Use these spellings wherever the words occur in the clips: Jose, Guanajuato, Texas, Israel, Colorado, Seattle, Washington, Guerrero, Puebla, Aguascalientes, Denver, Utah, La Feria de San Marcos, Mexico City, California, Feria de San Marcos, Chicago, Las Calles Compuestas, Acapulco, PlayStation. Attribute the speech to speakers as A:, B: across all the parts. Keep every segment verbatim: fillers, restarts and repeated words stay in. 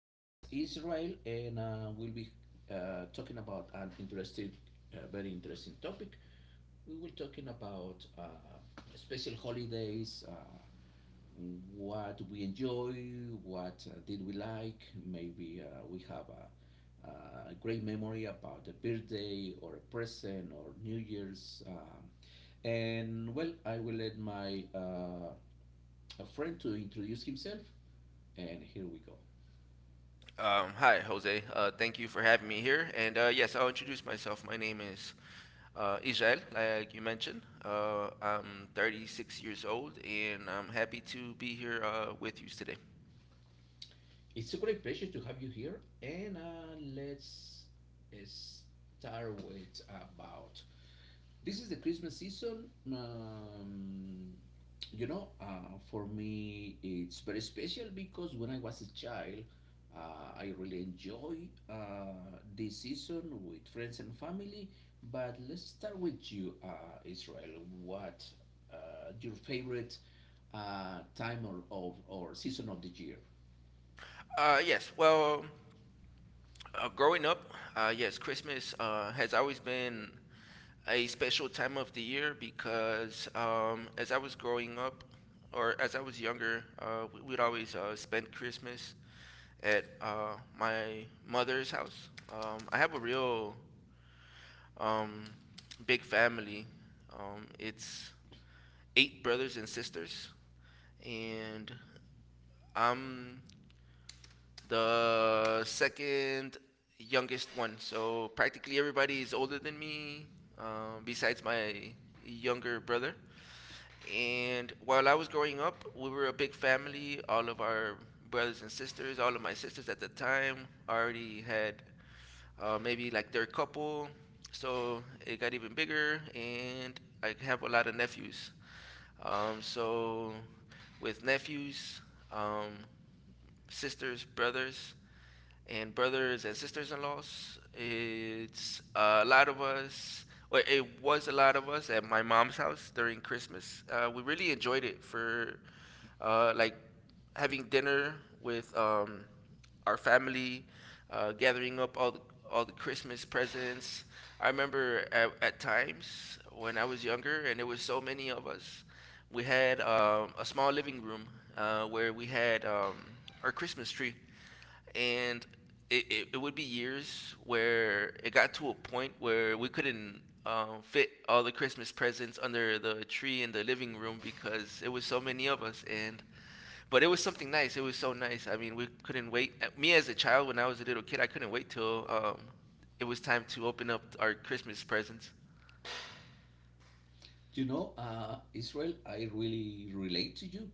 A: his name is Israel, and uh, we'll be uh, talking about an interesting, uh, very interesting topic. We will talking about uh, special holidays. Uh, what we enjoy, what uh, did we like. Maybe uh, we have a, uh, a great memory about a birthday or a present or New Year's. Um, and well, I will let my uh, a friend to introduce himself. And here we go.
B: Um, hi, Jose. Uh, thank you for having me here. And uh, yes, I'll introduce myself. My name is uh, Israel, like you mentioned. Uh, I'm thirty-six years old, and I'm happy to be here uh, with you today.
A: It's a great pleasure to have you here. And uh, let's uh, start with about This is the Christmas season. Um, you know, uh, for me, it's very special because when I was a child, uh, I really enjoy uh, this season with friends and family. But let's start with you, uh, Israel. What uh, your favorite uh, time or, of or season of the year?
B: Uh, yes, well, uh, growing up, uh, yes, Christmas uh, has always been a special time of the year because um, as I was growing up, or as I was younger, uh, we- we'd always uh, spend Christmas at uh, my mother's house. Um, I have a real um, big family. Um, it's eight brothers and sisters, and I'm the second youngest one. So practically everybody is older than me, um, besides my younger brother. And while I was growing up, we were a big family. All of our brothers and sisters, all of my sisters at the time already had uh, maybe like their couple. So it got even bigger, and I have a lot of nephews. Um, so with nephews, um, sisters, brothers, and brothers and sisters in laws. It's a lot of us, or it was a lot of us at my mom's house during Christmas. Uh, we really enjoyed it for uh, like having dinner with um, our family, uh, gathering up all the all the Christmas presents. I remember at, at times when I was younger, and there was so many of us. We had um, a small living room uh, where we had um, our Christmas tree and it, it, it would be years where it got to a point where we couldn't um, fit all the Christmas presents under the tree in the living room because it was so many of us. And but it was something nice. It was so nice. I mean, we couldn't wait. Uh, Me as a child, when I was a little kid, I couldn't wait till um, it was time to open up our Christmas presents.
A: You know, uh, Israel, I really relate to you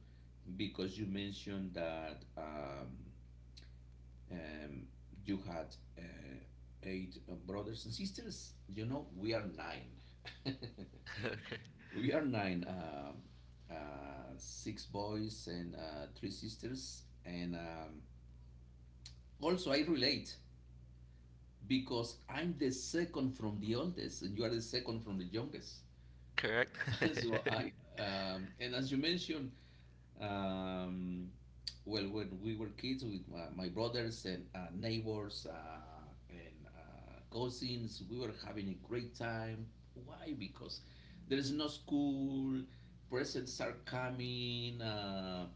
A: because you mentioned that. Um, Um, you had uh, eight uh, brothers and sisters. You know, we are nine.
B: Okay,
A: We are nine. Um uh, six boys and uh, three sisters. And um, also, I relate because I'm the second from the oldest, and you are the second from the youngest.
B: correct.
A: so
B: Okay.
A: I um, And as you mentioned, Um, well, when we were kids with my, my brothers and uh, neighbors uh, and uh, cousins, we were having a great time. Why? Because there is no school, presents are coming, uh,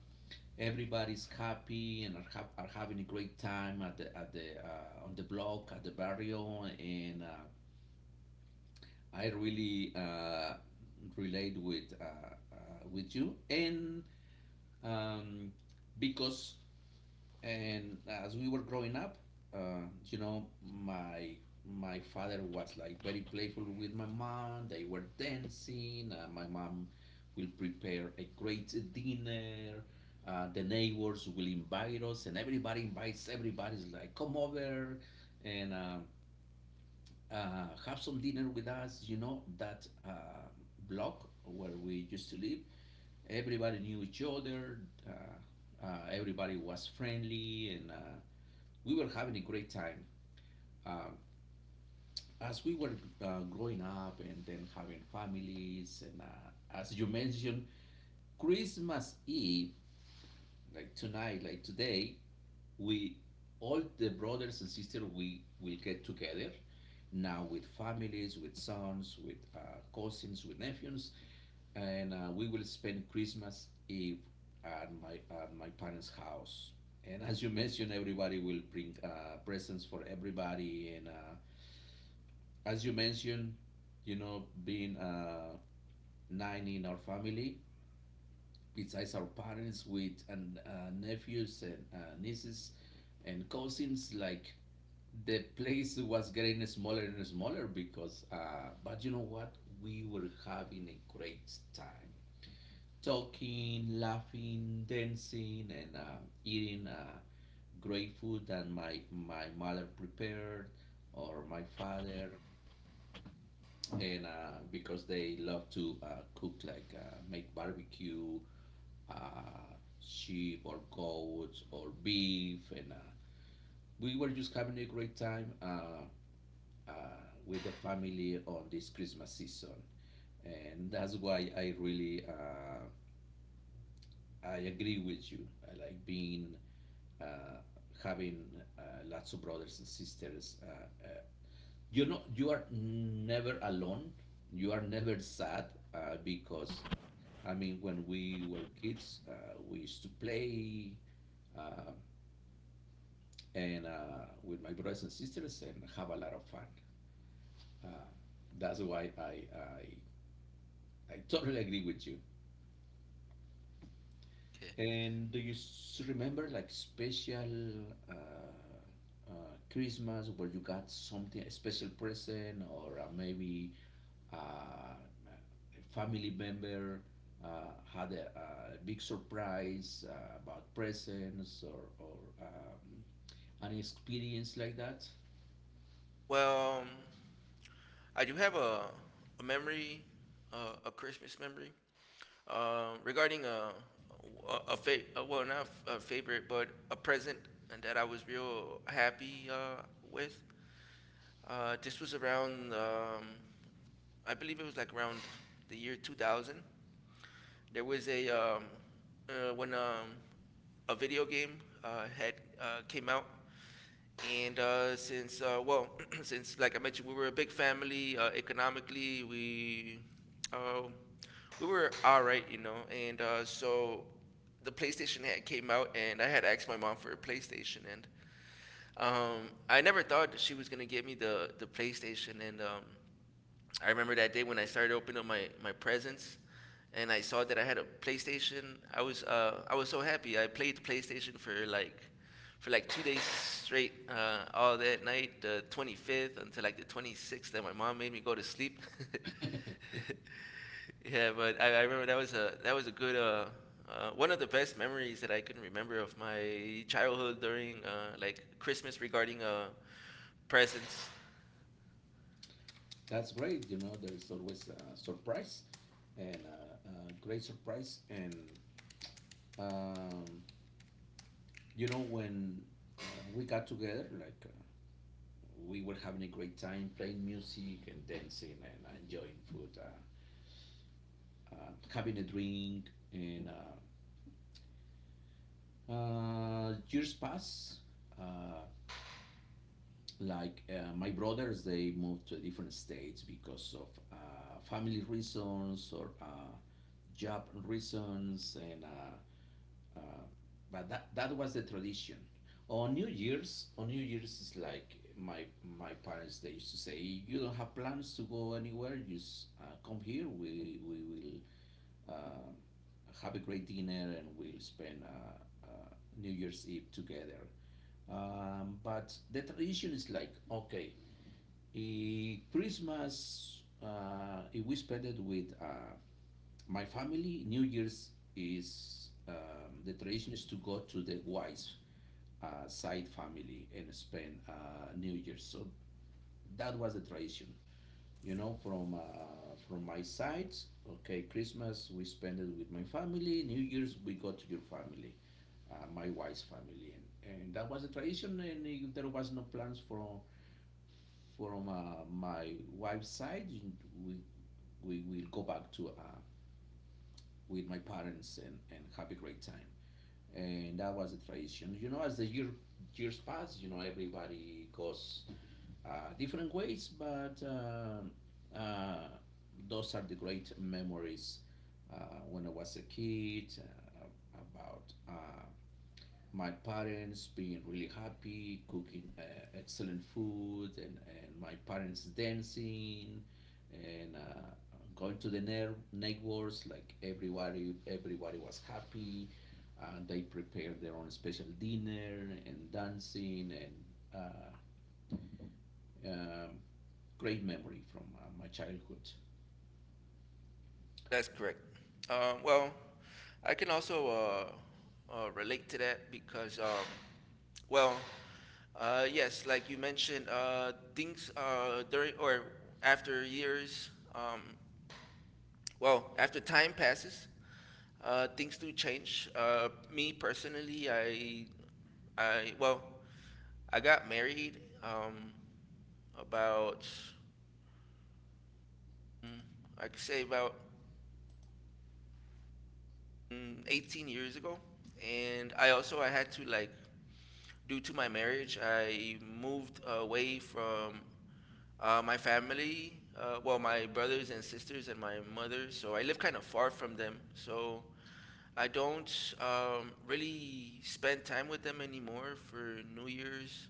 A: everybody's happy and are, ha- are having a great time at the, at the uh, on the block, at the barrio, and uh, I really uh, relate with uh, uh, with you and. Um, because and as we were growing up, uh, you know, my my father was like very playful with my mom. They were dancing. Uh, my mom will prepare a great dinner. Uh, the neighbors will invite us, and everybody invites everybody's like come over and uh, uh, have some dinner with us. You know that uh, block where we used to live. Everybody knew each other. Uh, uh, Everybody was friendly and uh, we were having a great time. Um, as we were uh, growing up and then having families, and uh, as you mentioned, Christmas Eve, like tonight, like today, we all the brothers and sisters we will get together now with families, with sons, with uh, cousins, with nephews, and uh, we will spend Christmas Eve at my at my parents' house. And as you mentioned, everybody will bring uh, presents for everybody, and uh, as you mentioned, you know, being uh, nine in our family, besides our parents with and uh, nephews and uh, nieces and cousins, like the place was getting smaller and smaller, because, uh, but you know what? We were having a great time talking, laughing, dancing, and uh, eating uh, great food that my, my mother prepared or my father, and uh, because they love to uh, cook, like uh, make barbecue uh, sheep or goats or beef. And uh, we were just having a great time uh, uh, with the family on this Christmas season. And that's why i really uh, i agree with you. I like being uh, having uh, lots of brothers and sisters. Uh, uh, you know, you are never alone, you are never sad uh, because I mean, when we were kids, uh, we used to play uh, and uh, with my brothers and sisters and have a lot of fun. Uh, that's why I, I I totally agree with you. And do you s- remember like special uh, uh, Christmas where you got something, a special present, or uh, maybe uh, a family member uh, had a, a big surprise uh, about presents or, or um, an experience like that.
B: Well, um, I do have a a memory, uh, a Christmas memory. Uh, regarding uh, a a fa- uh, well, not a favorite but a present and that I was real happy uh, with. Uh, this was around um, I believe it was like around the year two thousand. There was a um, uh, when um, a video game uh, had uh, came out and uh, since uh, well, since like I mentioned, we were a big family. Uh, economically, we uh, we were all right, you know. And uh, so the PlayStation had came out, and I had asked my mom for a PlayStation, and um, I never thought that she was gonna get me the the PlayStation, and um, I remember that day when I started opening up my, my presents and I saw that I had a PlayStation. I was uh, I was so happy. I played the PlayStation for like for like two days straight, uh, all that night, the twenty-fifth until like the twenty-sixth, that my mom made me go to sleep. Yeah, but I, I remember that was a that was a good uh, uh, one of the best memories that I can remember of my childhood during uh, like Christmas regarding uh, presents.
A: That's great. You know, there is always a surprise and a, a great surprise. And, um, you know, when uh, we got together, like uh, we were having a great time playing music and dancing and enjoying food, uh, uh, having a drink. And uh, Uh, years pass. Uh, like uh, my brothers, they moved to different states because of uh, family reasons or uh, job reasons, and uh, uh, but that that was the tradition. On New Year's, on New Year's is like my my parents. They used to say, "You don't have plans to go anywhere. Just uh, come here. We we will." Uh, have a great dinner and we'll spend uh, uh, New Year's Eve together. Um, but the tradition is like, okay, eh, Christmas, uh, eh, we spend it with uh, my family. New Year's is um, The tradition is to go to the wife uh, side family and spend uh, New Year's. So that was the tradition, you know, from uh, from my side. Okay, Christmas we spend it with my family, New Year's we go to your family, uh, my wife's family. And, and that was a tradition. And if there was no plans from from uh, my wife's side, we we will go back to uh, with my parents, and and have a great time. And that was a tradition, you know. As the year years pass, you know, everybody goes uh, different ways, but um uh, those are the great memories uh, when I was a kid uh, about uh, my parents being really happy, cooking uh, excellent food, and, and my parents dancing and uh, going to the ne- neighbors, like everybody everybody was happy. Uh, they prepared their own special dinner and dancing, and uh, um, great memory from uh, my childhood.
B: That's correct. Um, well, I can also uh, uh, relate to that because, um, well, uh, yes, like you mentioned, uh, things uh, during or after years, um, well, after time passes, uh, things do change. Uh, me personally, I, I, well, I got married um, about, mm, I could say about mm, eighteen years ago, and I also I had to like due to my marriage, I moved away from uh, my family, uh, well, my brothers and sisters and my mother. So I live kind of far from them. So I don't um, really spend time with them anymore for New Year's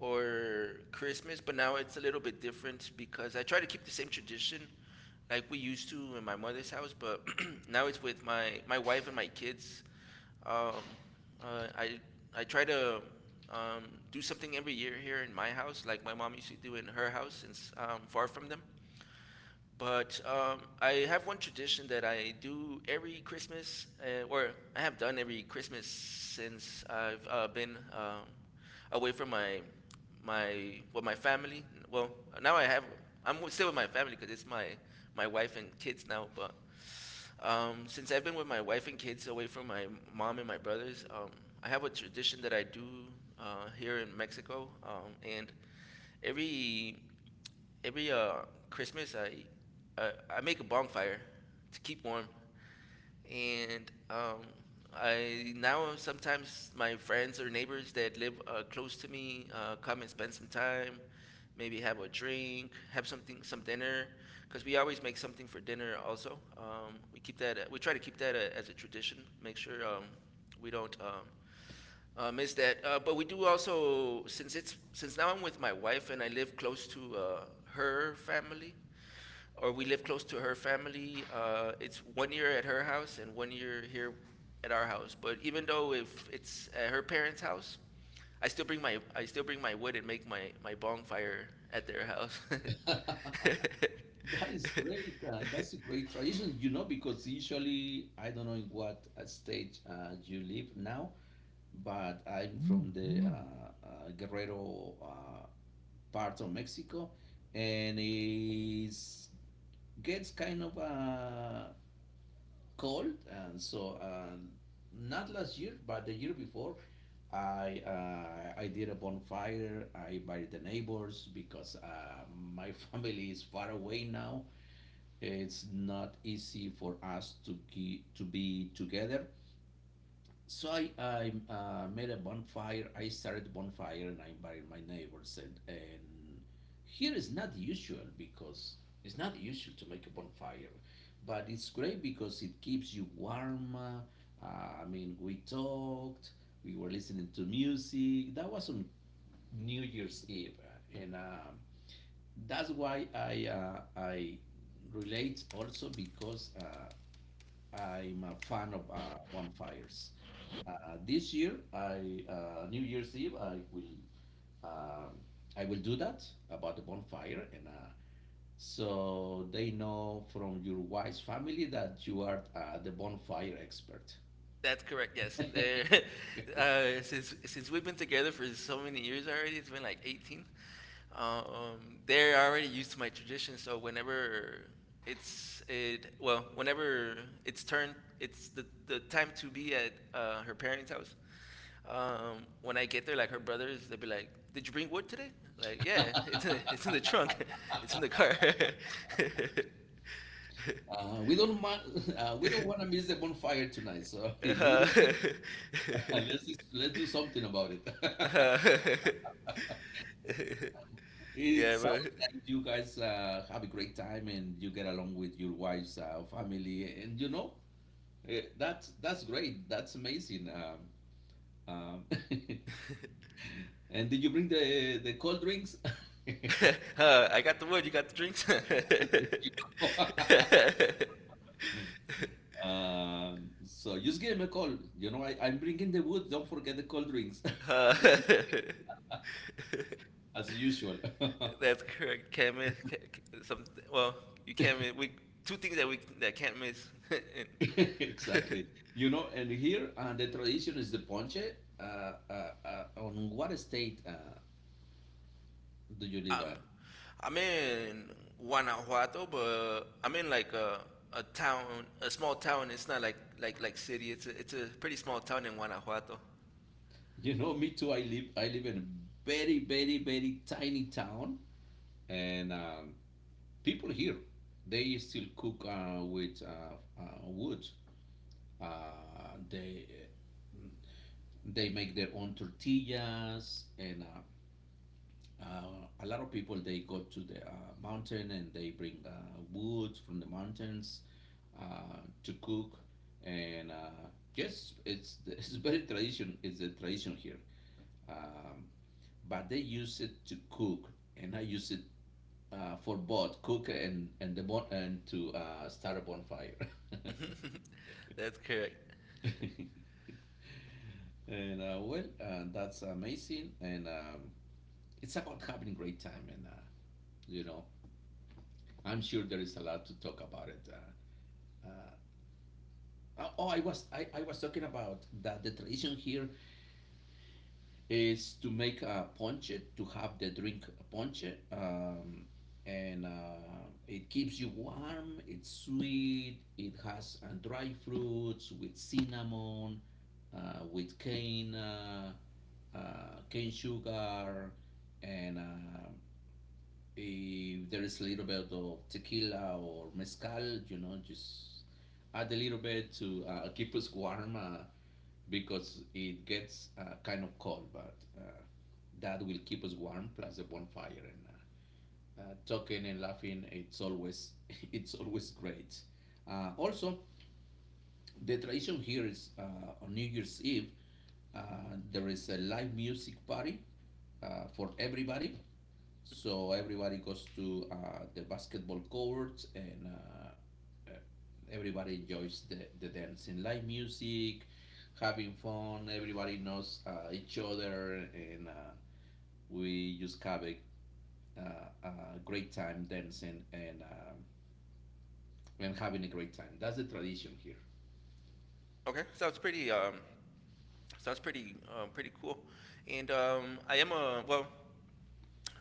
B: or Christmas, but now it's a little bit different because I try to keep the same tradition like we used to in my mother's house, but now it's with my, my wife and my kids. Um, uh, I, I try to um, do something every year here in my house, like my mom used to do in her house, since I'm far from them. But um, I have one tradition that I do every Christmas, uh, or I have done every Christmas since I've uh, been um, away from my my well my family. Well, now I have I'm w- still with my family because it's my my wife and kids now. But um, since I've been with my wife and kids away from my mom and my brothers, um, I have a tradition that I do uh, here in Mexico, um, and every every uh Christmas I I, I make a bonfire to keep warm and um, I now sometimes my friends or neighbors that live uh, close to me uh, come and spend some time, maybe have a drink, have something some dinner, because we always make something for dinner. Also, um, we keep that we try to keep that a, as a tradition. Make sure um, we don't. Um, uh, miss that, uh, but we do also since it's since now I'm with my wife and I live close to uh, her family or we live close to her family. Uh, it's one year at her house and one year here at our house. But even though if it's at her parents' house, I still bring my I still bring my wood and make my my bonfire at their house.
A: That is great. Uh, that's a great tradition, you know, because usually I don't know in what uh, stage uh, you live now, but I'm from the uh, uh, Guerrero uh, part of Mexico, and it gets kind of uh, cold. And so, um, not last year but the year before i uh, i did a bonfire. I invited the neighbors because uh, my family is far away now. It's not easy for us to ge- to be together, so I, I uh, made a bonfire. I started bonfire and I invited my neighbors. And, and here is not usual because it's not usual to make a bonfire, but it's great because it keeps you warm. Uh, I mean, we talked, we were listening to music. That was on New Year's Eve. Uh, And um, That's why I, uh, I relate also because uh, I'm a fan of uh, bonfires. Uh, this year, I uh, New Year's Eve, I will um, I will do that about the bonfire. And uh, So they know from your wise family that you are uh, the bonfire expert.
B: That's correct. Yes, There- uh, since since we've been together for so many years already, it's been like eighteen. Um, they're already used to my tradition, so whenever it's it well, whenever it's turned, it's the the time to be at uh, her parents' house. Um, when I get there, like her brothers, they'll be like, "Did you bring wood today?" Like, yeah, it's in it's in the trunk, it's in the car.
A: Uh, we don't ma- uh, We don't want to miss the bonfire tonight, so, you
B: Uh,
A: don't agree? let's let's do something about it.
B: uh,
A: It
B: yeah,
A: sounds
B: but.
A: like you guys uh, have a great time and you get along with your wife's uh, family, and you know, Eh, that's that's great. That's amazing. Um, um, and did you bring the the cold drinks?
B: uh, I got the wood, you got the drinks.
A: There you go. Um, so just give him a call. You know, I, I'm bringing the wood. Don't forget the cold drinks,
B: Uh,
A: as usual.
B: that's correct. Can't miss ca- ca- some. Well, you can't miss. We two things that we that can't miss. And
A: Exactly. You know, and here uh, the tradition is the ponche. Uh, uh, uh, on what state uh, do you live
B: I'm
A: at?
B: I'm in Guanajuato, but I'm in like a a town, a small town. It's not like like like city. It's a it's a pretty small town in Guanajuato.
A: You know, me too. I live I live in a very, very, very tiny town, and um, people here they still cook uh, with uh, uh, wood. uh, they they make their own tortillas, and uh, uh, a lot of people they go to the uh, mountain and they bring uh, wood from the mountains uh, to cook. And uh, yes, it's it's very tradition, it's a tradition here. um, but they use it to cook, and I use it uh, for both cook and and the bon- and to uh, start a bonfire.
B: That's correct.
A: and uh, Well, uh, that's amazing, and um, it's about having a great time, and uh, you know, I'm sure there is a lot to talk about it. Uh, oh, I was I, I was talking about that the tradition here is to make a ponche, to have the drink ponche. Um, and uh, It keeps you warm. It's sweet. It has uh, dry fruits with cinnamon, uh, with cane, uh, uh, cane sugar, and uh, if there is a little bit of tequila or mezcal, you know, just add a little bit to uh, keep us warm. Uh, because it gets uh, kind of cold, but uh, that will keep us warm. Plus the bonfire, and uh, uh, talking and laughing. It's always it's always great. Uh, also, the tradition here is uh, on New Year's Eve. Uh, there is a live music party uh, for everybody. So everybody goes to uh, the basketball courts and uh, uh, everybody enjoys the, the dancing, live music, having fun. Everybody knows uh, each other and uh, we just have a, uh, a great time dancing and, um, and having a great time. That's the tradition here.
B: Okay, sounds pretty um sounds pretty um pretty cool. And um I am a well,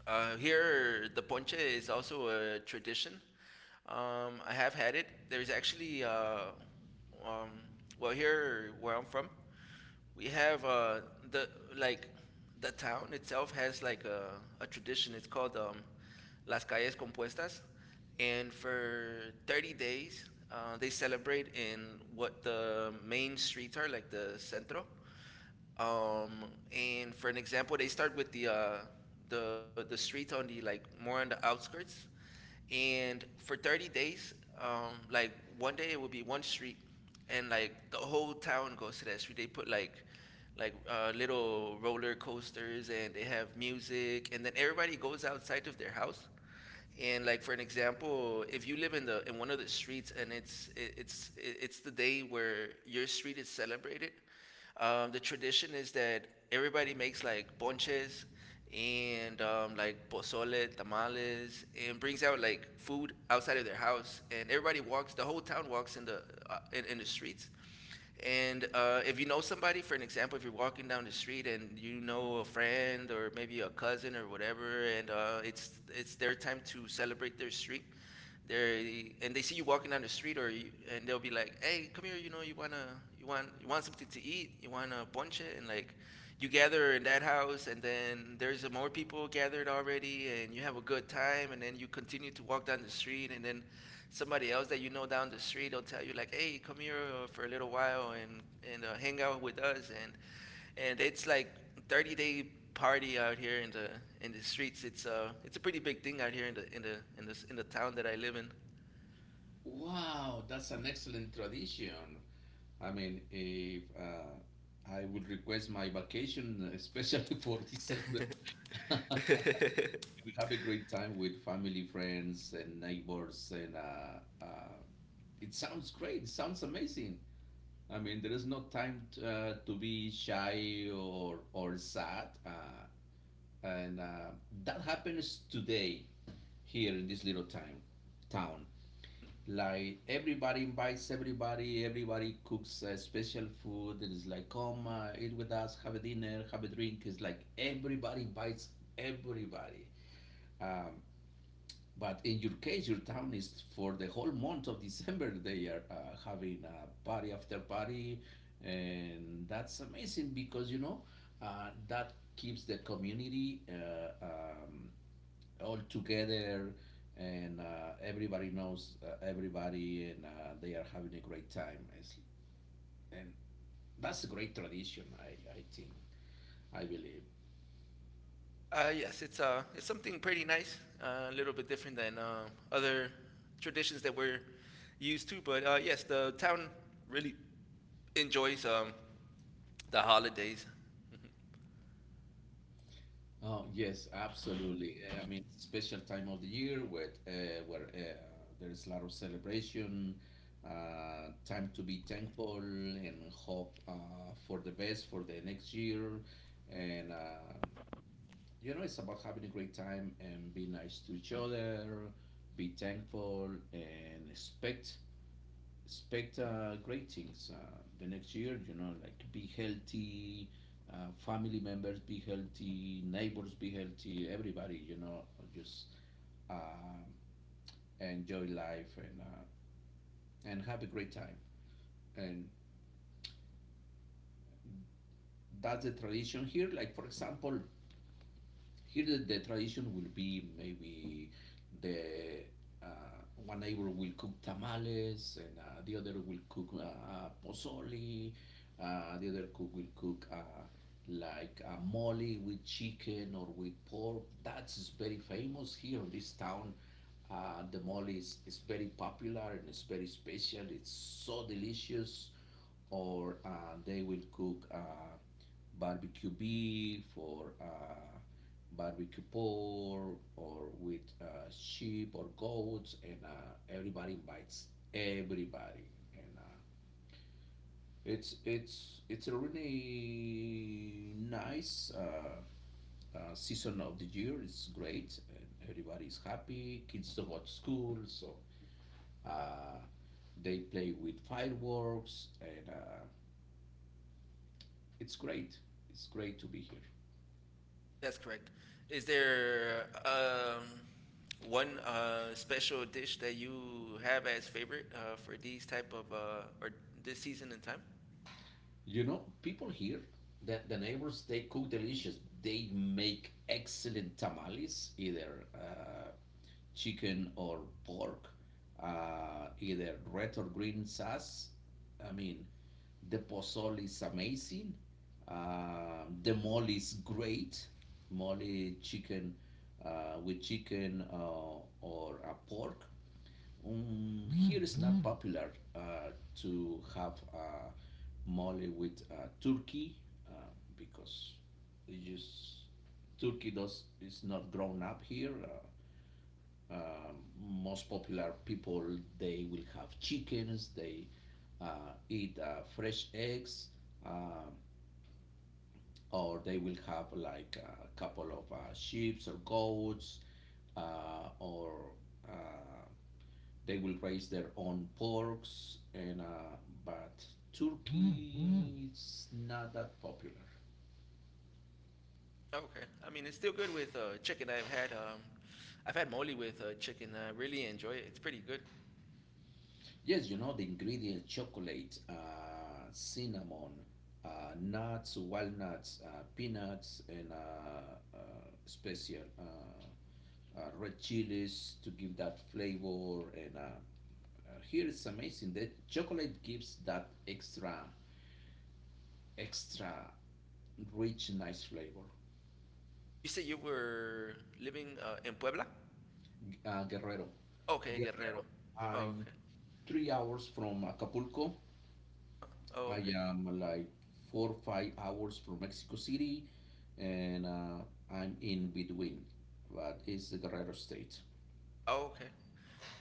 B: Uh, here, the ponche is also a tradition. Um, I have had it. There's actually, uh, um, well, here where I'm from, we have uh, the like the town itself has like a, a tradition. It's called um, Las Calles Compuestas, and for thirty days uh, they celebrate in what the main streets are, like the centro um, and for an example, they start with the uh, the the streets on the like more on the outskirts, and for thirty days, um, like one day it would be one street, and like the whole town goes to that street. They put like like uh, little roller coasters, and they have music, and then everybody goes outside of their house, and like for an example, if you live in the in one of the streets and it's it, it's it, it's the day where your street is celebrated, um, the tradition is that everybody makes like ponches and um, like pozole, tamales, and brings out like food outside of their house, and everybody walks. The whole town walks in the uh, in, in the streets, and uh, if you know somebody, for an example, if you're walking down the street and you know a friend or maybe a cousin or whatever, and uh, it's it's their time to celebrate their street, they and they see you walking down the street, or you, and they'll be like, "Hey, come here! You know, you wanna you want you want something to eat? You want a ponche?" And like, you gather in that house, and then there's more people gathered already, and you have a good time, and then you continue to walk down the street, and then somebody else that you know down the street will tell you like, "Hey, come here uh, for a little while and and uh, hang out with us." And and it's like thirty day party out here in the in the streets. It's uh it's a pretty big thing out here in the in the in the in the town that I live in.
A: Wow, that's an excellent tradition. I mean, if uh, I would request my vacation, especially for December, we have a great time with family, friends, and neighbors, and uh, uh, it sounds great. It sounds amazing. I mean, there is no time t- uh, to be shy or or sad, uh, and uh, that happens today here in this little time, town, like everybody invites everybody. Everybody cooks uh, special food. It is like come uh, eat with us, have a dinner, have a drink. It's like everybody invites everybody. Um, but in your case, your town is for the whole month of December. They are uh, having a party after party, and that's amazing because you know uh, that keeps the community uh, um, all together, and uh, everybody knows uh, everybody, and uh, they are having a great time. It's, and that's a great tradition, I, I think, I believe.
B: Uh yes, it's uh it's something pretty nice uh, a little bit different than uh, other traditions that we're used to. But uh yes, the town really enjoys um the holidays. Mhm.
A: Oh, yes, absolutely. Uh, I mean, special time of the year where, uh, where uh, there is a lot of celebration, uh, time to be thankful and hope uh, for the best for the next year. And, uh, you know, it's about having a great time and be nice to each other, be thankful, and expect expect uh, great things uh, the next year. You know, like be healthy, uh, family members be healthy, neighbors be healthy, everybody. You know, just um enjoy life and uh, and have a great time. And that's the tradition here. Like for example, here the, the tradition will be maybe the uh, one neighbor will cook tamales and uh, the other will cook uh, uh, pozole, uh, the other cook will cook uh, like a mole with chicken or with pork. That's very famous here in this town. Uh, the mole is, is very popular and it's very special. It's so delicious. Or uh, they will cook uh, barbecue beef or uh, barbecue pork or with uh, sheep or goats and uh, everybody invites everybody and uh, it's it's it's a really nice uh, uh, season of the year. It's great and everybody is happy. Kids don't go to school, so uh, they play with fireworks and uh, it's great. It's great to be here.
B: That's correct. Is there um, one uh, special dish that you have as favorite uh, for these type of uh, or this season and time?
A: You know, people here, the, the neighbors, they cook delicious. They make excellent tamales, either uh, chicken or pork, uh, either red or green sauce. I mean, the pozole is amazing. Um, the mole is great. Mole chicken uh, with chicken uh, or a pork. Um, here it's not popular uh, to have uh, mole with uh, turkey uh, because it just turkey does is not grown up here. Uh, um, Most popular people they will have chickens. They uh, eat uh, fresh eggs, um or they will have like a couple of uh, sheep or goats, uh, or uh, they will raise their own porks, and uh, but turkey, mm-hmm, is not that popular.
B: Oh, okay. I mean, it's still good with uh, chicken. I've had um, I've had mole with uh, chicken. I really enjoy it. It's pretty good.
A: Yes, you know the ingredients: chocolate, uh, cinnamon, uh, nuts, walnuts, uh, peanuts, and uh, uh, special uh, uh, red chilies to give that flavor. And uh, uh, Here it's amazing that chocolate gives that extra, extra rich, nice flavor.
B: You said you were living uh, in Puebla.
A: uh, Guerrero.
B: Okay, Guerrero.
A: Guerrero,
B: Oh,
A: I'm
B: okay.
A: three hours from Acapulco.
B: Oh,
A: I
B: okay.
A: am like four five hours from Mexico City, and uh, I'm in between. But it's the Guerrero state.
B: Oh, okay.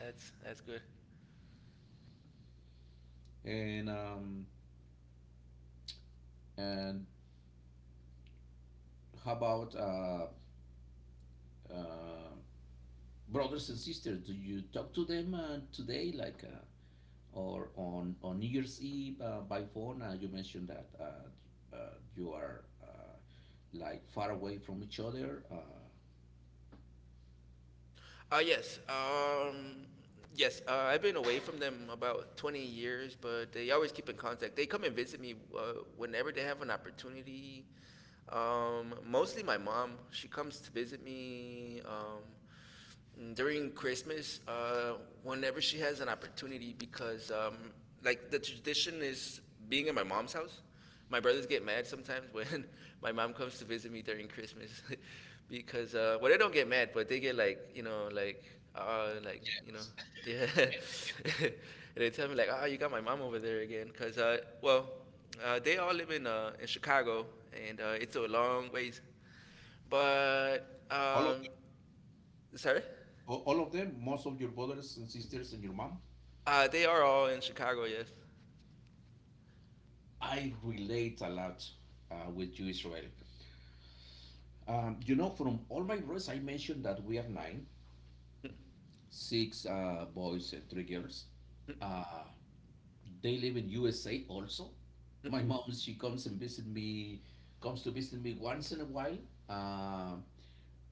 B: That's that's good.
A: And um, and how about uh, uh, brothers and sisters? Do you talk to them uh, today? Like uh, or on on New Year's Eve uh, by phone. Uh, you mentioned that uh, uh, you are uh, like far away from each other. Uh,
B: Uh, yes. Um, yes. Uh, I've been away from them about twenty years, but they always keep in contact. They come and visit me uh, whenever they have an opportunity. Um, mostly my mom. She comes to visit me. Um, Mm, during Christmas, uh, whenever she has an opportunity, because um, like the tradition is being at my mom's house. My brothers get mad sometimes when my mom comes to visit me during Christmas, because uh, well, they don't get mad, but they get like, you know, like uh, like you know, yeah. And they tell me like, "Oh, you got my mom over there again," because uh, well, uh, they all live in uh, in Chicago, and uh, it's a long ways, but
A: all of
B: um, sorry.
A: them, all of them, most of your brothers and sisters and your mom.
B: Uh, they are all in Chicago, yes.
A: I relate a lot uh, with you, Israel. Um, you know, from all my brothers, I mentioned that we are nine, six uh, boys and three girls. Uh, They live in U S A also. My, mm, mom, she comes and visit me, comes to visit me once in a while. Uh,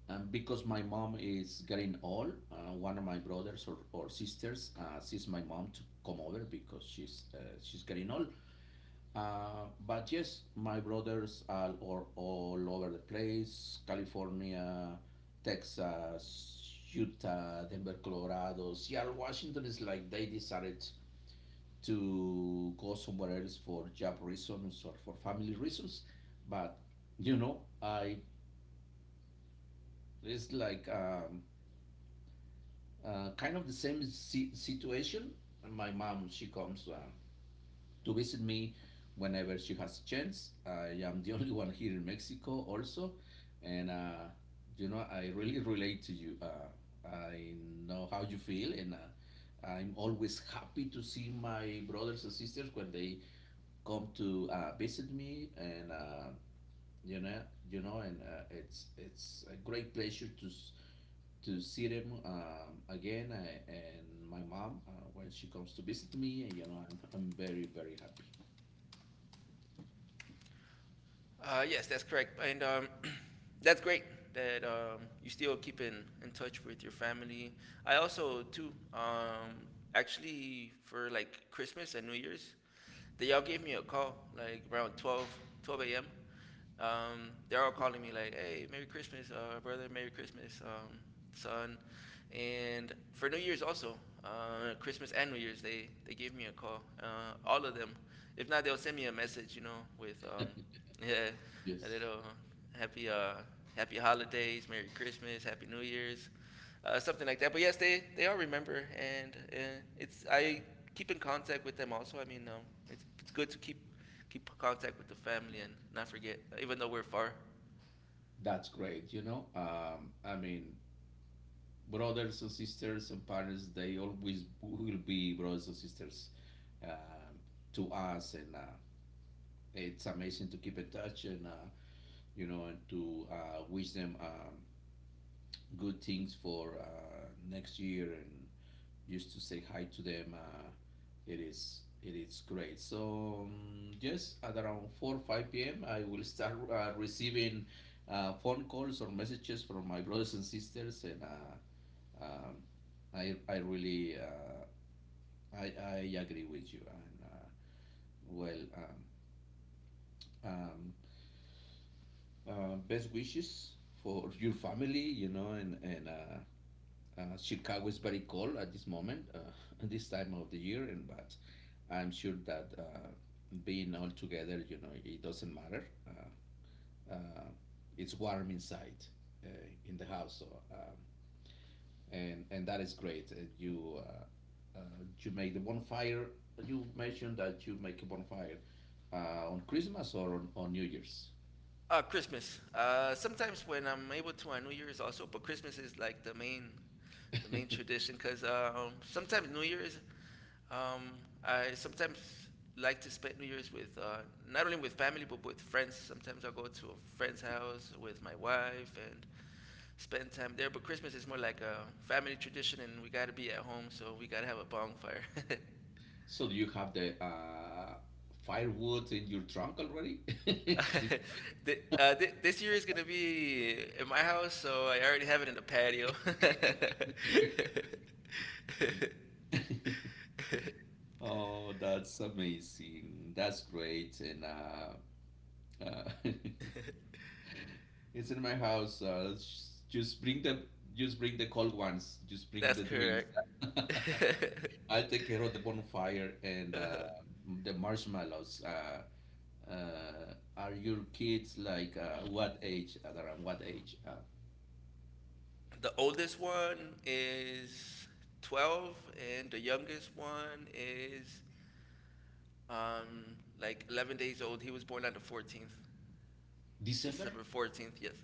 A: and because my mom is getting old, uh, one of my brothers or, or sisters uh, sees my mom to come over because she's uh, she's getting old. Uh, but yes, my brothers are all, all over the place: California, Texas, Utah, Denver, Colorado, Seattle, Washington. Is like they decided to go somewhere else for job reasons or for family reasons. But you know, I, it's like um, uh, kind of the same si- situation. My mom, she comes. Uh, to visit me whenever she has a chance. I am the only one here in Mexico, also, and uh, you know I really relate to you. Uh, I know how you feel, and uh, I'm always happy to see my brothers and sisters when they come to uh, visit me, and uh, you know you know and uh, it's it's a great pleasure to s- to see them um, again, I, and my mom uh, when she comes to visit me. And you know I'm, I'm very, very happy.
B: uh, Yes, that's correct. And um, that's great that um, you still keep in, in touch with your family. I also, too, um, actually, for like Christmas and New Year's, they all gave me a call like around twelve twelve a m. Um, they're all calling me like, "Hey, Merry Christmas, uh, brother. Merry Christmas, um, son." And for New Year's also, uh, Christmas and New Year's, they they gave me a call. Uh, all of them. If not, they'll send me a message, you know, with um, yeah, a
A: Yes,
B: little happy uh, happy holidays, Merry Christmas, Happy New Year's, uh, something like that. But yes, they they all remember, and uh, it's I keep in contact with them also. I mean, um, it's it's good to keep keep contact with the family and not forget, even though we're far.
A: that's great. You know, um, I mean, brothers and sisters and parents, they always will be brothers and sisters, um, to us. And uh, it's amazing to keep in touch. And uh, you know, and to uh, wish them um, good things for uh, next year and used to say hi to them. Uh, it is, it is great. So um, yes, at around four five p m, I will start uh, receiving uh, phone calls or messages from my brothers and sisters, and uh, um, I I really uh, I I agree with you. And uh, well, um, um, uh, best wishes for your family, you know, and and. Uh, uh, Chicago is very cold at this moment, uh, at this time of the year, and but I'm sure that uh, being all together, you know, it doesn't matter. Uh, uh, it's warm inside uh, in the house, so, um, and and that is great. Uh, you uh, uh, you make the bonfire. You mentioned that you make a bonfire uh, on Christmas or on, on New Year's.
B: Uh, Christmas. Uh, sometimes when I'm able to on New Year's also, but Christmas is like the main the main tradition because um, sometimes New Year's, um, I sometimes like to spend New Year's with uh, not only with family but with friends. Sometimes I'll go to a friend's house with my wife and spend time there. But Christmas is more like a family tradition, and we gotta be at home, so we gotta have a bonfire.
A: So do you have the uh, firewood in your trunk already?
B: Th- uh, th- this year is gonna be in my house, so I already have it in the patio.
A: Oh, that's amazing. That's great. And uh, uh, It's in my house. Uh, s- just bring the just bring the cold ones. Just bring
B: That's
A: the drinks.
B: correct.
A: I'll take care of the bonfire and uh, the marshmallows. Uh, uh, are your kids like uh, what age? At around what age? Uh,
B: The oldest one is twelve, and the youngest one is um like eleven days old. He was born on the fourteenth,
A: December?
B: December fourteenth. Yes.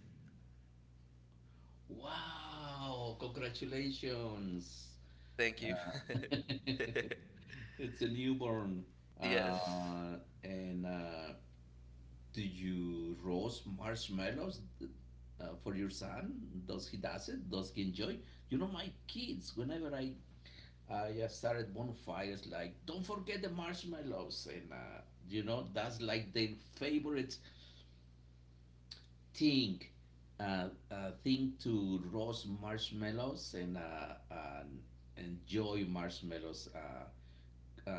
A: Wow! Congratulations.
B: Thank you.
A: It's a newborn.
B: yes.
A: Uh, and uh, Do you roast marshmallows uh, for your son? Does he does it? Does he enjoy? You know, my kids. Whenever I I uh, started bonfires, like don't forget the marshmallows, and uh, you know that's like their favorite thing. Uh, uh, thing to roast marshmallows and, uh, and enjoy marshmallows uh, uh,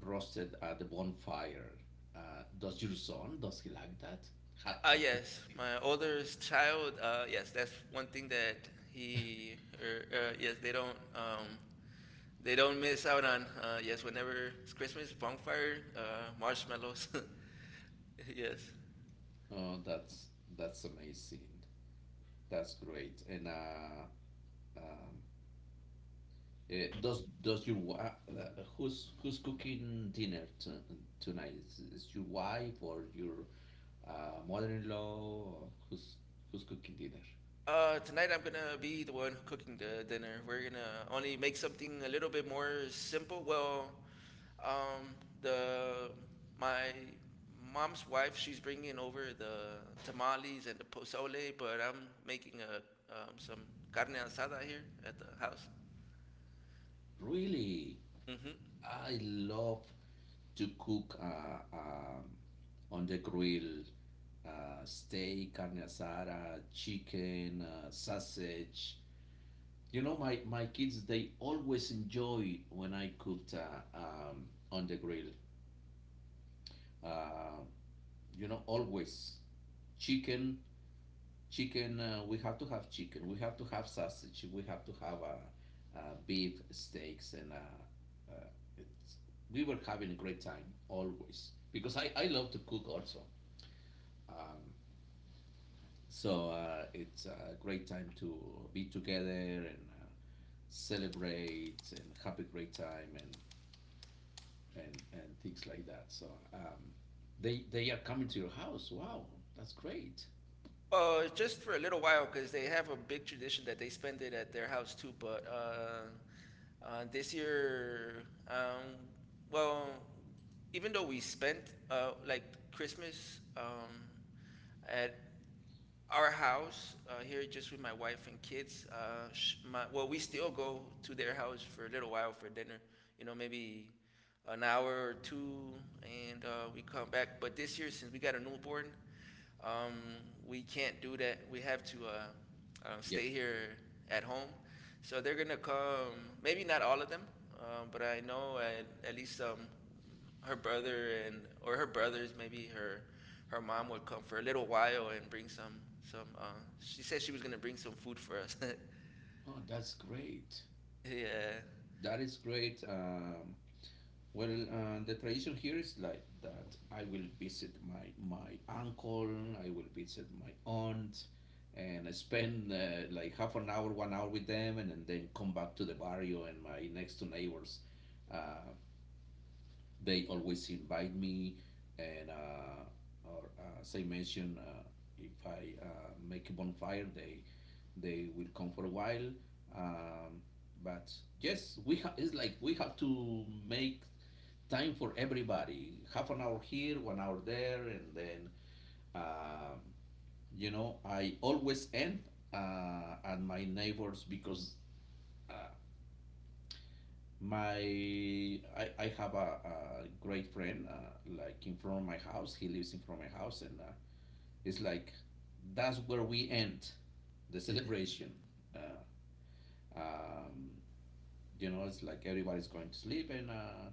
A: roasted at the bonfire. Uh, does your son, does he like that? Have,
B: Uh,
A: have you
B: yes,
A: tried?
B: my oldest child. Uh, yes, that's one thing that he. Er, uh, yes, they don't. Um, they don't miss out on. Uh, yes, whenever it's Christmas, bonfire, uh, marshmallows. yes.
A: Oh, that's that's amazing. That's great. And uh, um, eh, does does your wa- uh, who's, who's cooking dinner to, tonight? Is, is your wife or your uh, mother-in-law? Or who's who's cooking dinner?
B: Uh, tonight I'm gonna be the one cooking the dinner. We're gonna only make something a little bit more simple. Well, Um, the my mom's wife, she's bringing over the tamales and the pozole, but I'm making a um, some carne asada here at the house.
A: Really,
B: Hmm.
A: I love to cook uh, um, on the grill. Uh, steak, carne asada, chicken, uh, sausage. You know, my, my kids, they always enjoy when I cooked uh, um, on the grill. Uh, you know, always chicken, chicken. Uh, we have to have chicken. We have to have sausage. We have to have uh, uh, beef steaks, and uh, uh, it's, we were having a great time always because I, I love to cook also. Um, so uh, it's a great time to be together and uh, celebrate and have a great time and and and things like that. So um, they they are coming to your house. Wow, that's great.
B: Uh, just for a little while, because they have a big tradition that they spend it at their house too. But uh, uh, this year, um, well, even though we spent uh, like Christmas, um, at our house uh, here just with my wife and kids, uh, sh- my, well, we still go to their house for a little while for dinner, you know, maybe an hour or two, and uh, we come back. But this year, since we got a newborn, um, we can't do that. We have to uh, uh,
A: Yes.
B: stay here at home. So they're gonna come. Maybe not all of them, um, but I know at, at least um, her brother and or her brothers, maybe her her mom would come for a little while and bring some some. Uh, She said she was gonna bring some food for us.
A: Oh, that's great.
B: Yeah,
A: That is great. Um, well, uh, the tradition here is like that. I will visit my my uncle. I will visit my aunt, and I spend uh, like half an hour, one hour with them, and, and then come back to the barrio and my next two neighbors. Uh, They always invite me, and uh, or uh, as I mentioned, uh, if I uh, make a bonfire, they they will come for a while. Um, but yes, we ha- it's like we have to make time for everybody. Half an hour here, one hour there, and then um, you know I always end uh, at my neighbors because uh, My I, I have a, a great friend uh, like in front of my house. He lives in front of my house, and uh, it's like that's where we end the celebration. Uh, um, you know, it's like everybody's going to sleep, and uh,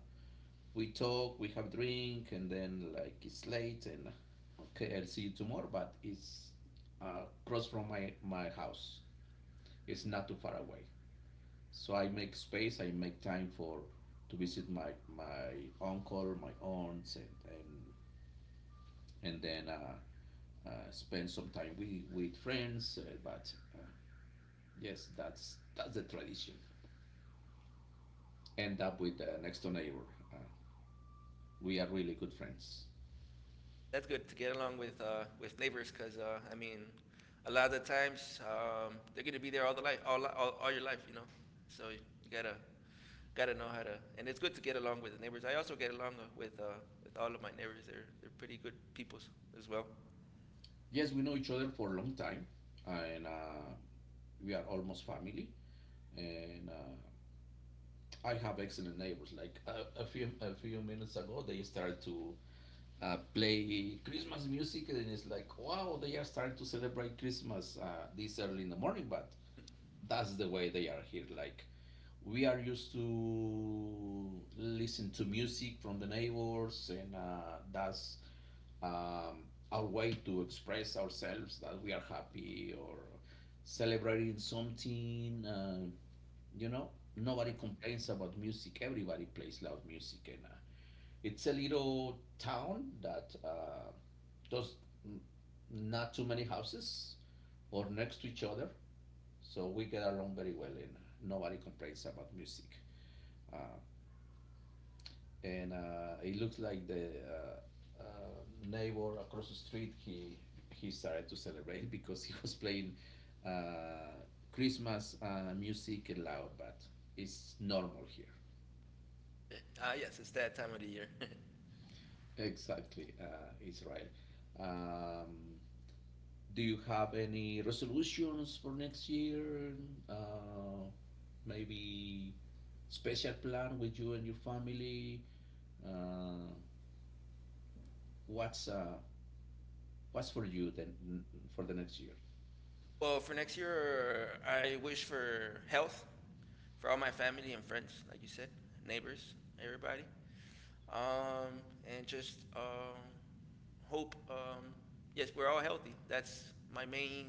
A: we talk, we have drink, and then like it's late, and okay, I'll see you tomorrow. But it's uh, across from my my house. It's not too far away. So I make space, I make time for to visit my my uncle, my aunts, and and and then uh, uh, spend some time with with friends. Uh, but uh, yes, that's that's the tradition. End up with the next door neighbor. Uh, we are really good friends.
B: that's good to get along with uh, with neighbors, 'cause uh, I mean, a lot of the times, um, they're gonna be there all the life, all, all all your life, you know. So you gotta gotta know how to, and it's good to get along with the neighbors. I also get along uh, with uh, with all of my neighbors. They're they're pretty good peoples as well.
A: Yes, we know each other for a long time, and uh, we are almost family. And uh, I have excellent neighbors. Like a, a few a few minutes ago, they started to uh, play Christmas music, and it's like, wow, they are starting to celebrate Christmas uh, this early in the morning. But that's the way they are here. Like, we are used to listen to music from the neighbors, and uh, that's um, our way to express ourselves that we are happy or celebrating something. Uh, you know, nobody complains about music. Everybody plays loud music, and uh, it's a little town that uh, does n- not too many houses or next to each other. So we get along very well and nobody complains about music. Uh, and uh, it looks like the uh, uh, neighbor across the street, he, he started to celebrate because he was playing uh, Christmas uh, music loud, but it's normal here.
B: Ah, uh, yes, it's that time of the year.
A: Exactly, uh, Israel. Um, Do you have any resolutions for next year? Uh, Maybe special plan with you and your family? Uh, what's uh, what's for you then for the next year?
B: Well, for next year, I wish for health for all my family and friends, like you said, neighbors, everybody, um, and just um, hope. Um, yes, we're all healthy. That's my main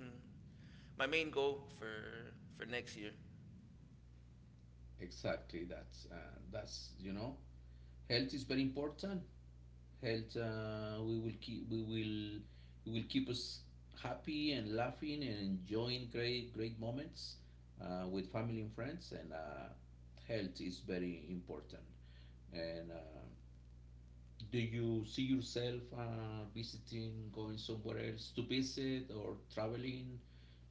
B: my main goal for for next year.
A: Exactly. That's uh, that's you know, health is very important, health uh, we will keep we will it will keep us happy and laughing and enjoying great great moments uh, with family and friends and uh, health is very important and uh, do you see yourself uh, visiting going somewhere else to visit or traveling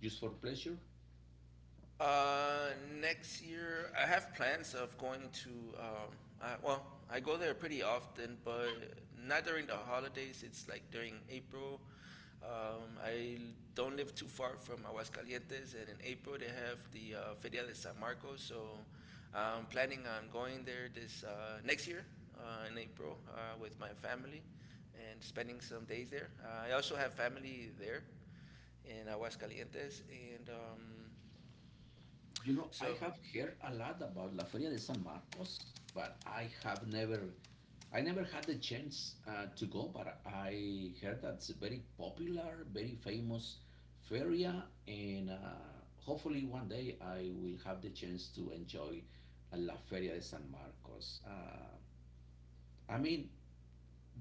A: just for pleasure.
B: Uh, Next year I have plans of going to. Um, I, well, I go there pretty often, but not during the holidays. It's like during April. Um, I don't live too far from Aguascalientes, and in April they have the uh, Feria de San Marcos. So I'm planning on going there this uh, next year uh, in April uh, with my family and spending some days there. Uh, I also have family there in Aguascalientes, and um,
A: You know, I
B: so
A: have heard a lot about La Feria de San Marcos, but I have never, I never had the chance uh, to go. But I heard that's a very popular, very famous feria, and uh, hopefully one day I will have the chance to enjoy uh, La Feria de San Marcos. Uh, I mean,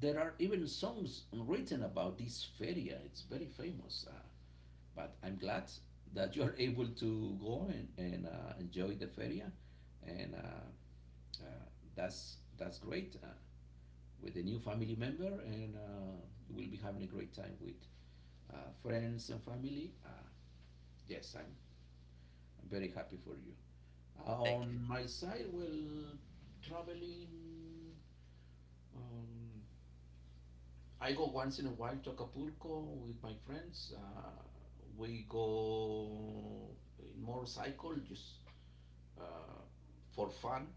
A: there are even songs written about this feria. It's very famous. Uh, but I'm glad that you are able to go and, and uh, enjoy the feria, and uh, uh, that's that's great uh, with a new family member, and uh, you will be having a great time with uh, friends and family. Uh, yes, I'm I'm very happy for you.
B: thank. You.
A: On my side, well, traveling. Um, I go once in a while to Acapulco with my friends. Uh, we go in motorcycle, just uh, for fun,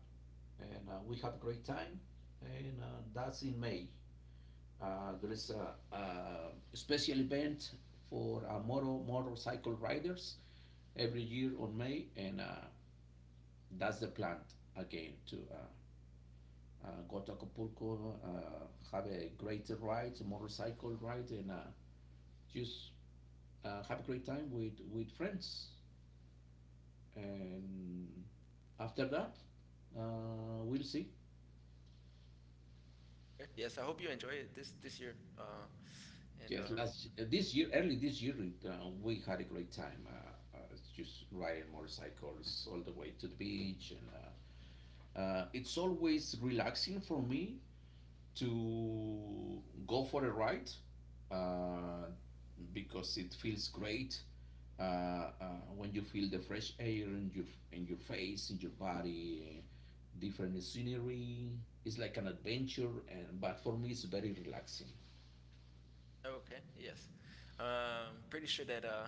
A: and uh, we have a great time. And uh, that's in May. Uh, there is a, a special event for uh, motor, motorcycle riders every year on May, and uh, that's the plan again to uh, uh, go to Acapulco, uh, have a great ride, a motorcycle ride, and uh, just uh, have a great time with, with friends. And after that, uh, we'll see.
B: Yes, I hope you enjoy it this this year. Uh, and
A: Yes,
B: um,
A: last y- uh, this year, early this year, it, uh, we had a great time. Uh, uh, just riding motorcycles all the way to the beach, and uh, uh, it's always relaxing for me to go for a ride uh, because it feels great uh, uh, when you feel the fresh air in your in your face, in your body, different scenery. It's like an adventure, and but for me, it's very relaxing.
B: Okay, yes, um, pretty sure that uh,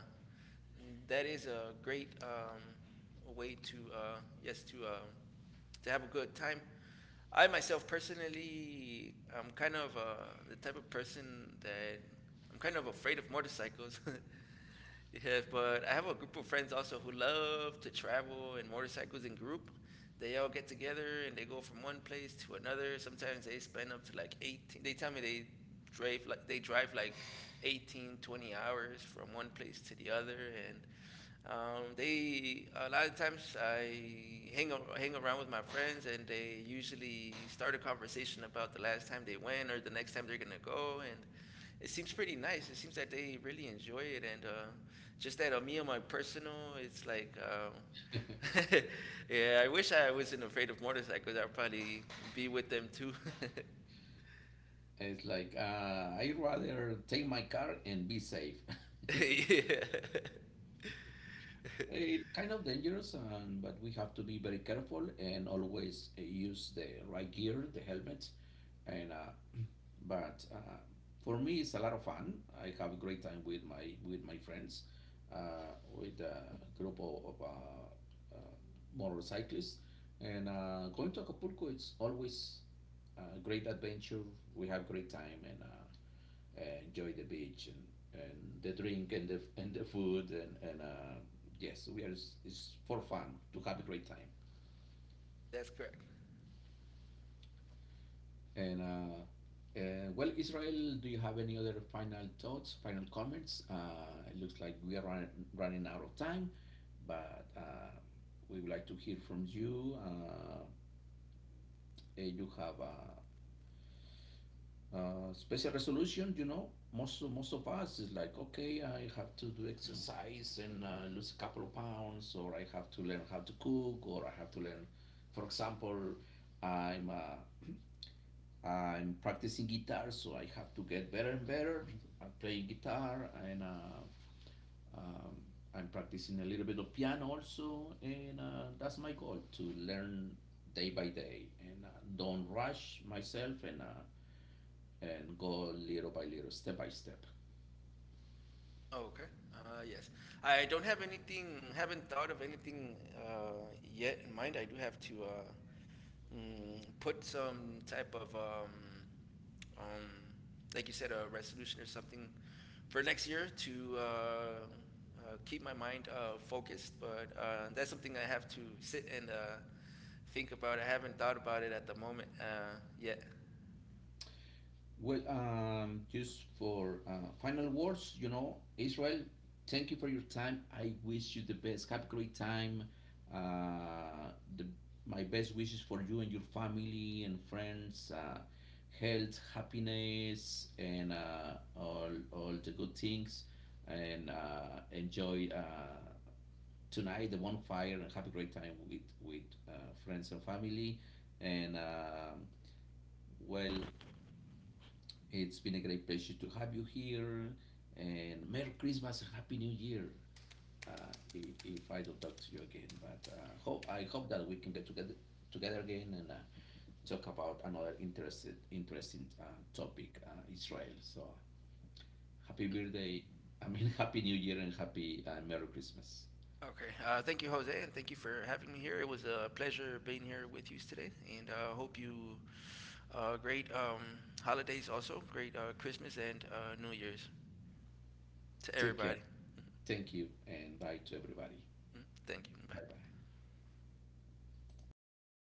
B: that is a great um, way to uh, yes to um, to have a good time. I myself personally, I'm kind of uh, the type of person that I'm kind of afraid of motorcycles. Yeah, but I have a group of friends also who love to travel in motorcycles in group. They all get together and they go from one place to another. Sometimes they spend up to like eighteen. They tell me they drive like they drive like eighteen, twenty hours from one place to the other. And um, they, a lot of times I hang hang around with my friends, and they usually start a conversation about the last time they went or the next time they're gonna go, and it seems pretty nice. It seems that they really enjoy it, and uh, just that on me on my personal, it's like. Um, yeah, I wish I wasn't afraid of motorcycles. I'd probably be with them too.
A: It's like uh, I rather take my car and be safe.
B: yeah,
A: It's kind of dangerous, and but we have to be very careful and always uh, use the right gear, the helmet, and uh, but uh, for me it's a lot of fun. I have a great time with my with my friends, uh, with a group of, of uh, uh, motorcyclists, and uh, going to Acapulco. It's always a great adventure. We have great time, and uh, uh, enjoy the beach and, and the drink and the, and the food, and, and uh, yes we are it's for fun to have a great time
B: that's correct.
A: and uh, uh, well, Israel, do you have any other final thoughts, final comments? Uh, it looks like we are run, running out of time, but uh, we would like to hear from you. Uh, eh, you have a uh, special resolution, you know, most most of us is like, okay, I have to do exercise and uh, lose a couple of pounds, or I have to learn how to cook, or I have to learn, for example, I'm uh, I'm practicing guitar, so I have to get better and better. I'm playing guitar and uh, um, I'm practicing a little bit of piano also, and uh, that's my goal to learn day by day and uh, don't rush myself and uh, and go little by little, step by step.
B: Oh, okay. Uh, yes. I don't have anything, haven't thought of anything uh, yet in mind. I do have to uh, mm, put some type of, um, um, like you said, a resolution or something for next year to uh, uh, keep my mind uh, focused. But uh, that's something I have to sit and uh, think about. I haven't thought about it at the moment uh, yet.
A: Well, um, just for uh, final words, you know, Israel, thank you for your time. I wish you the best. Have a great time. Uh, the, my best wishes for you and your family and friends. Uh, health, happiness, and uh, all, all the good things. And uh, enjoy uh, tonight the bonfire and have a great time with, with uh, friends and family. And um Well, it's been a great pleasure to have you here, and Merry Christmas and Happy New Year. Uh, if, if I don't talk to you again, but uh, hope I hope that we can get together together again and uh, talk about another interested interesting uh, topic, uh, Israel. So happy birthday! I mean, happy New Year and happy uh, Merry Christmas.
B: Okay. Uh, thank you, Jose, and thank you for having me here. It was a pleasure being here with you today, and uh, hope you Uh, great um, holidays also. Great uh, Christmas and uh, New Year's to
A: Take care.
B: everybody.
A: Thank you, and bye to everybody.
B: Mm, Thank you.
A: Bye
B: Bye.
A: bye.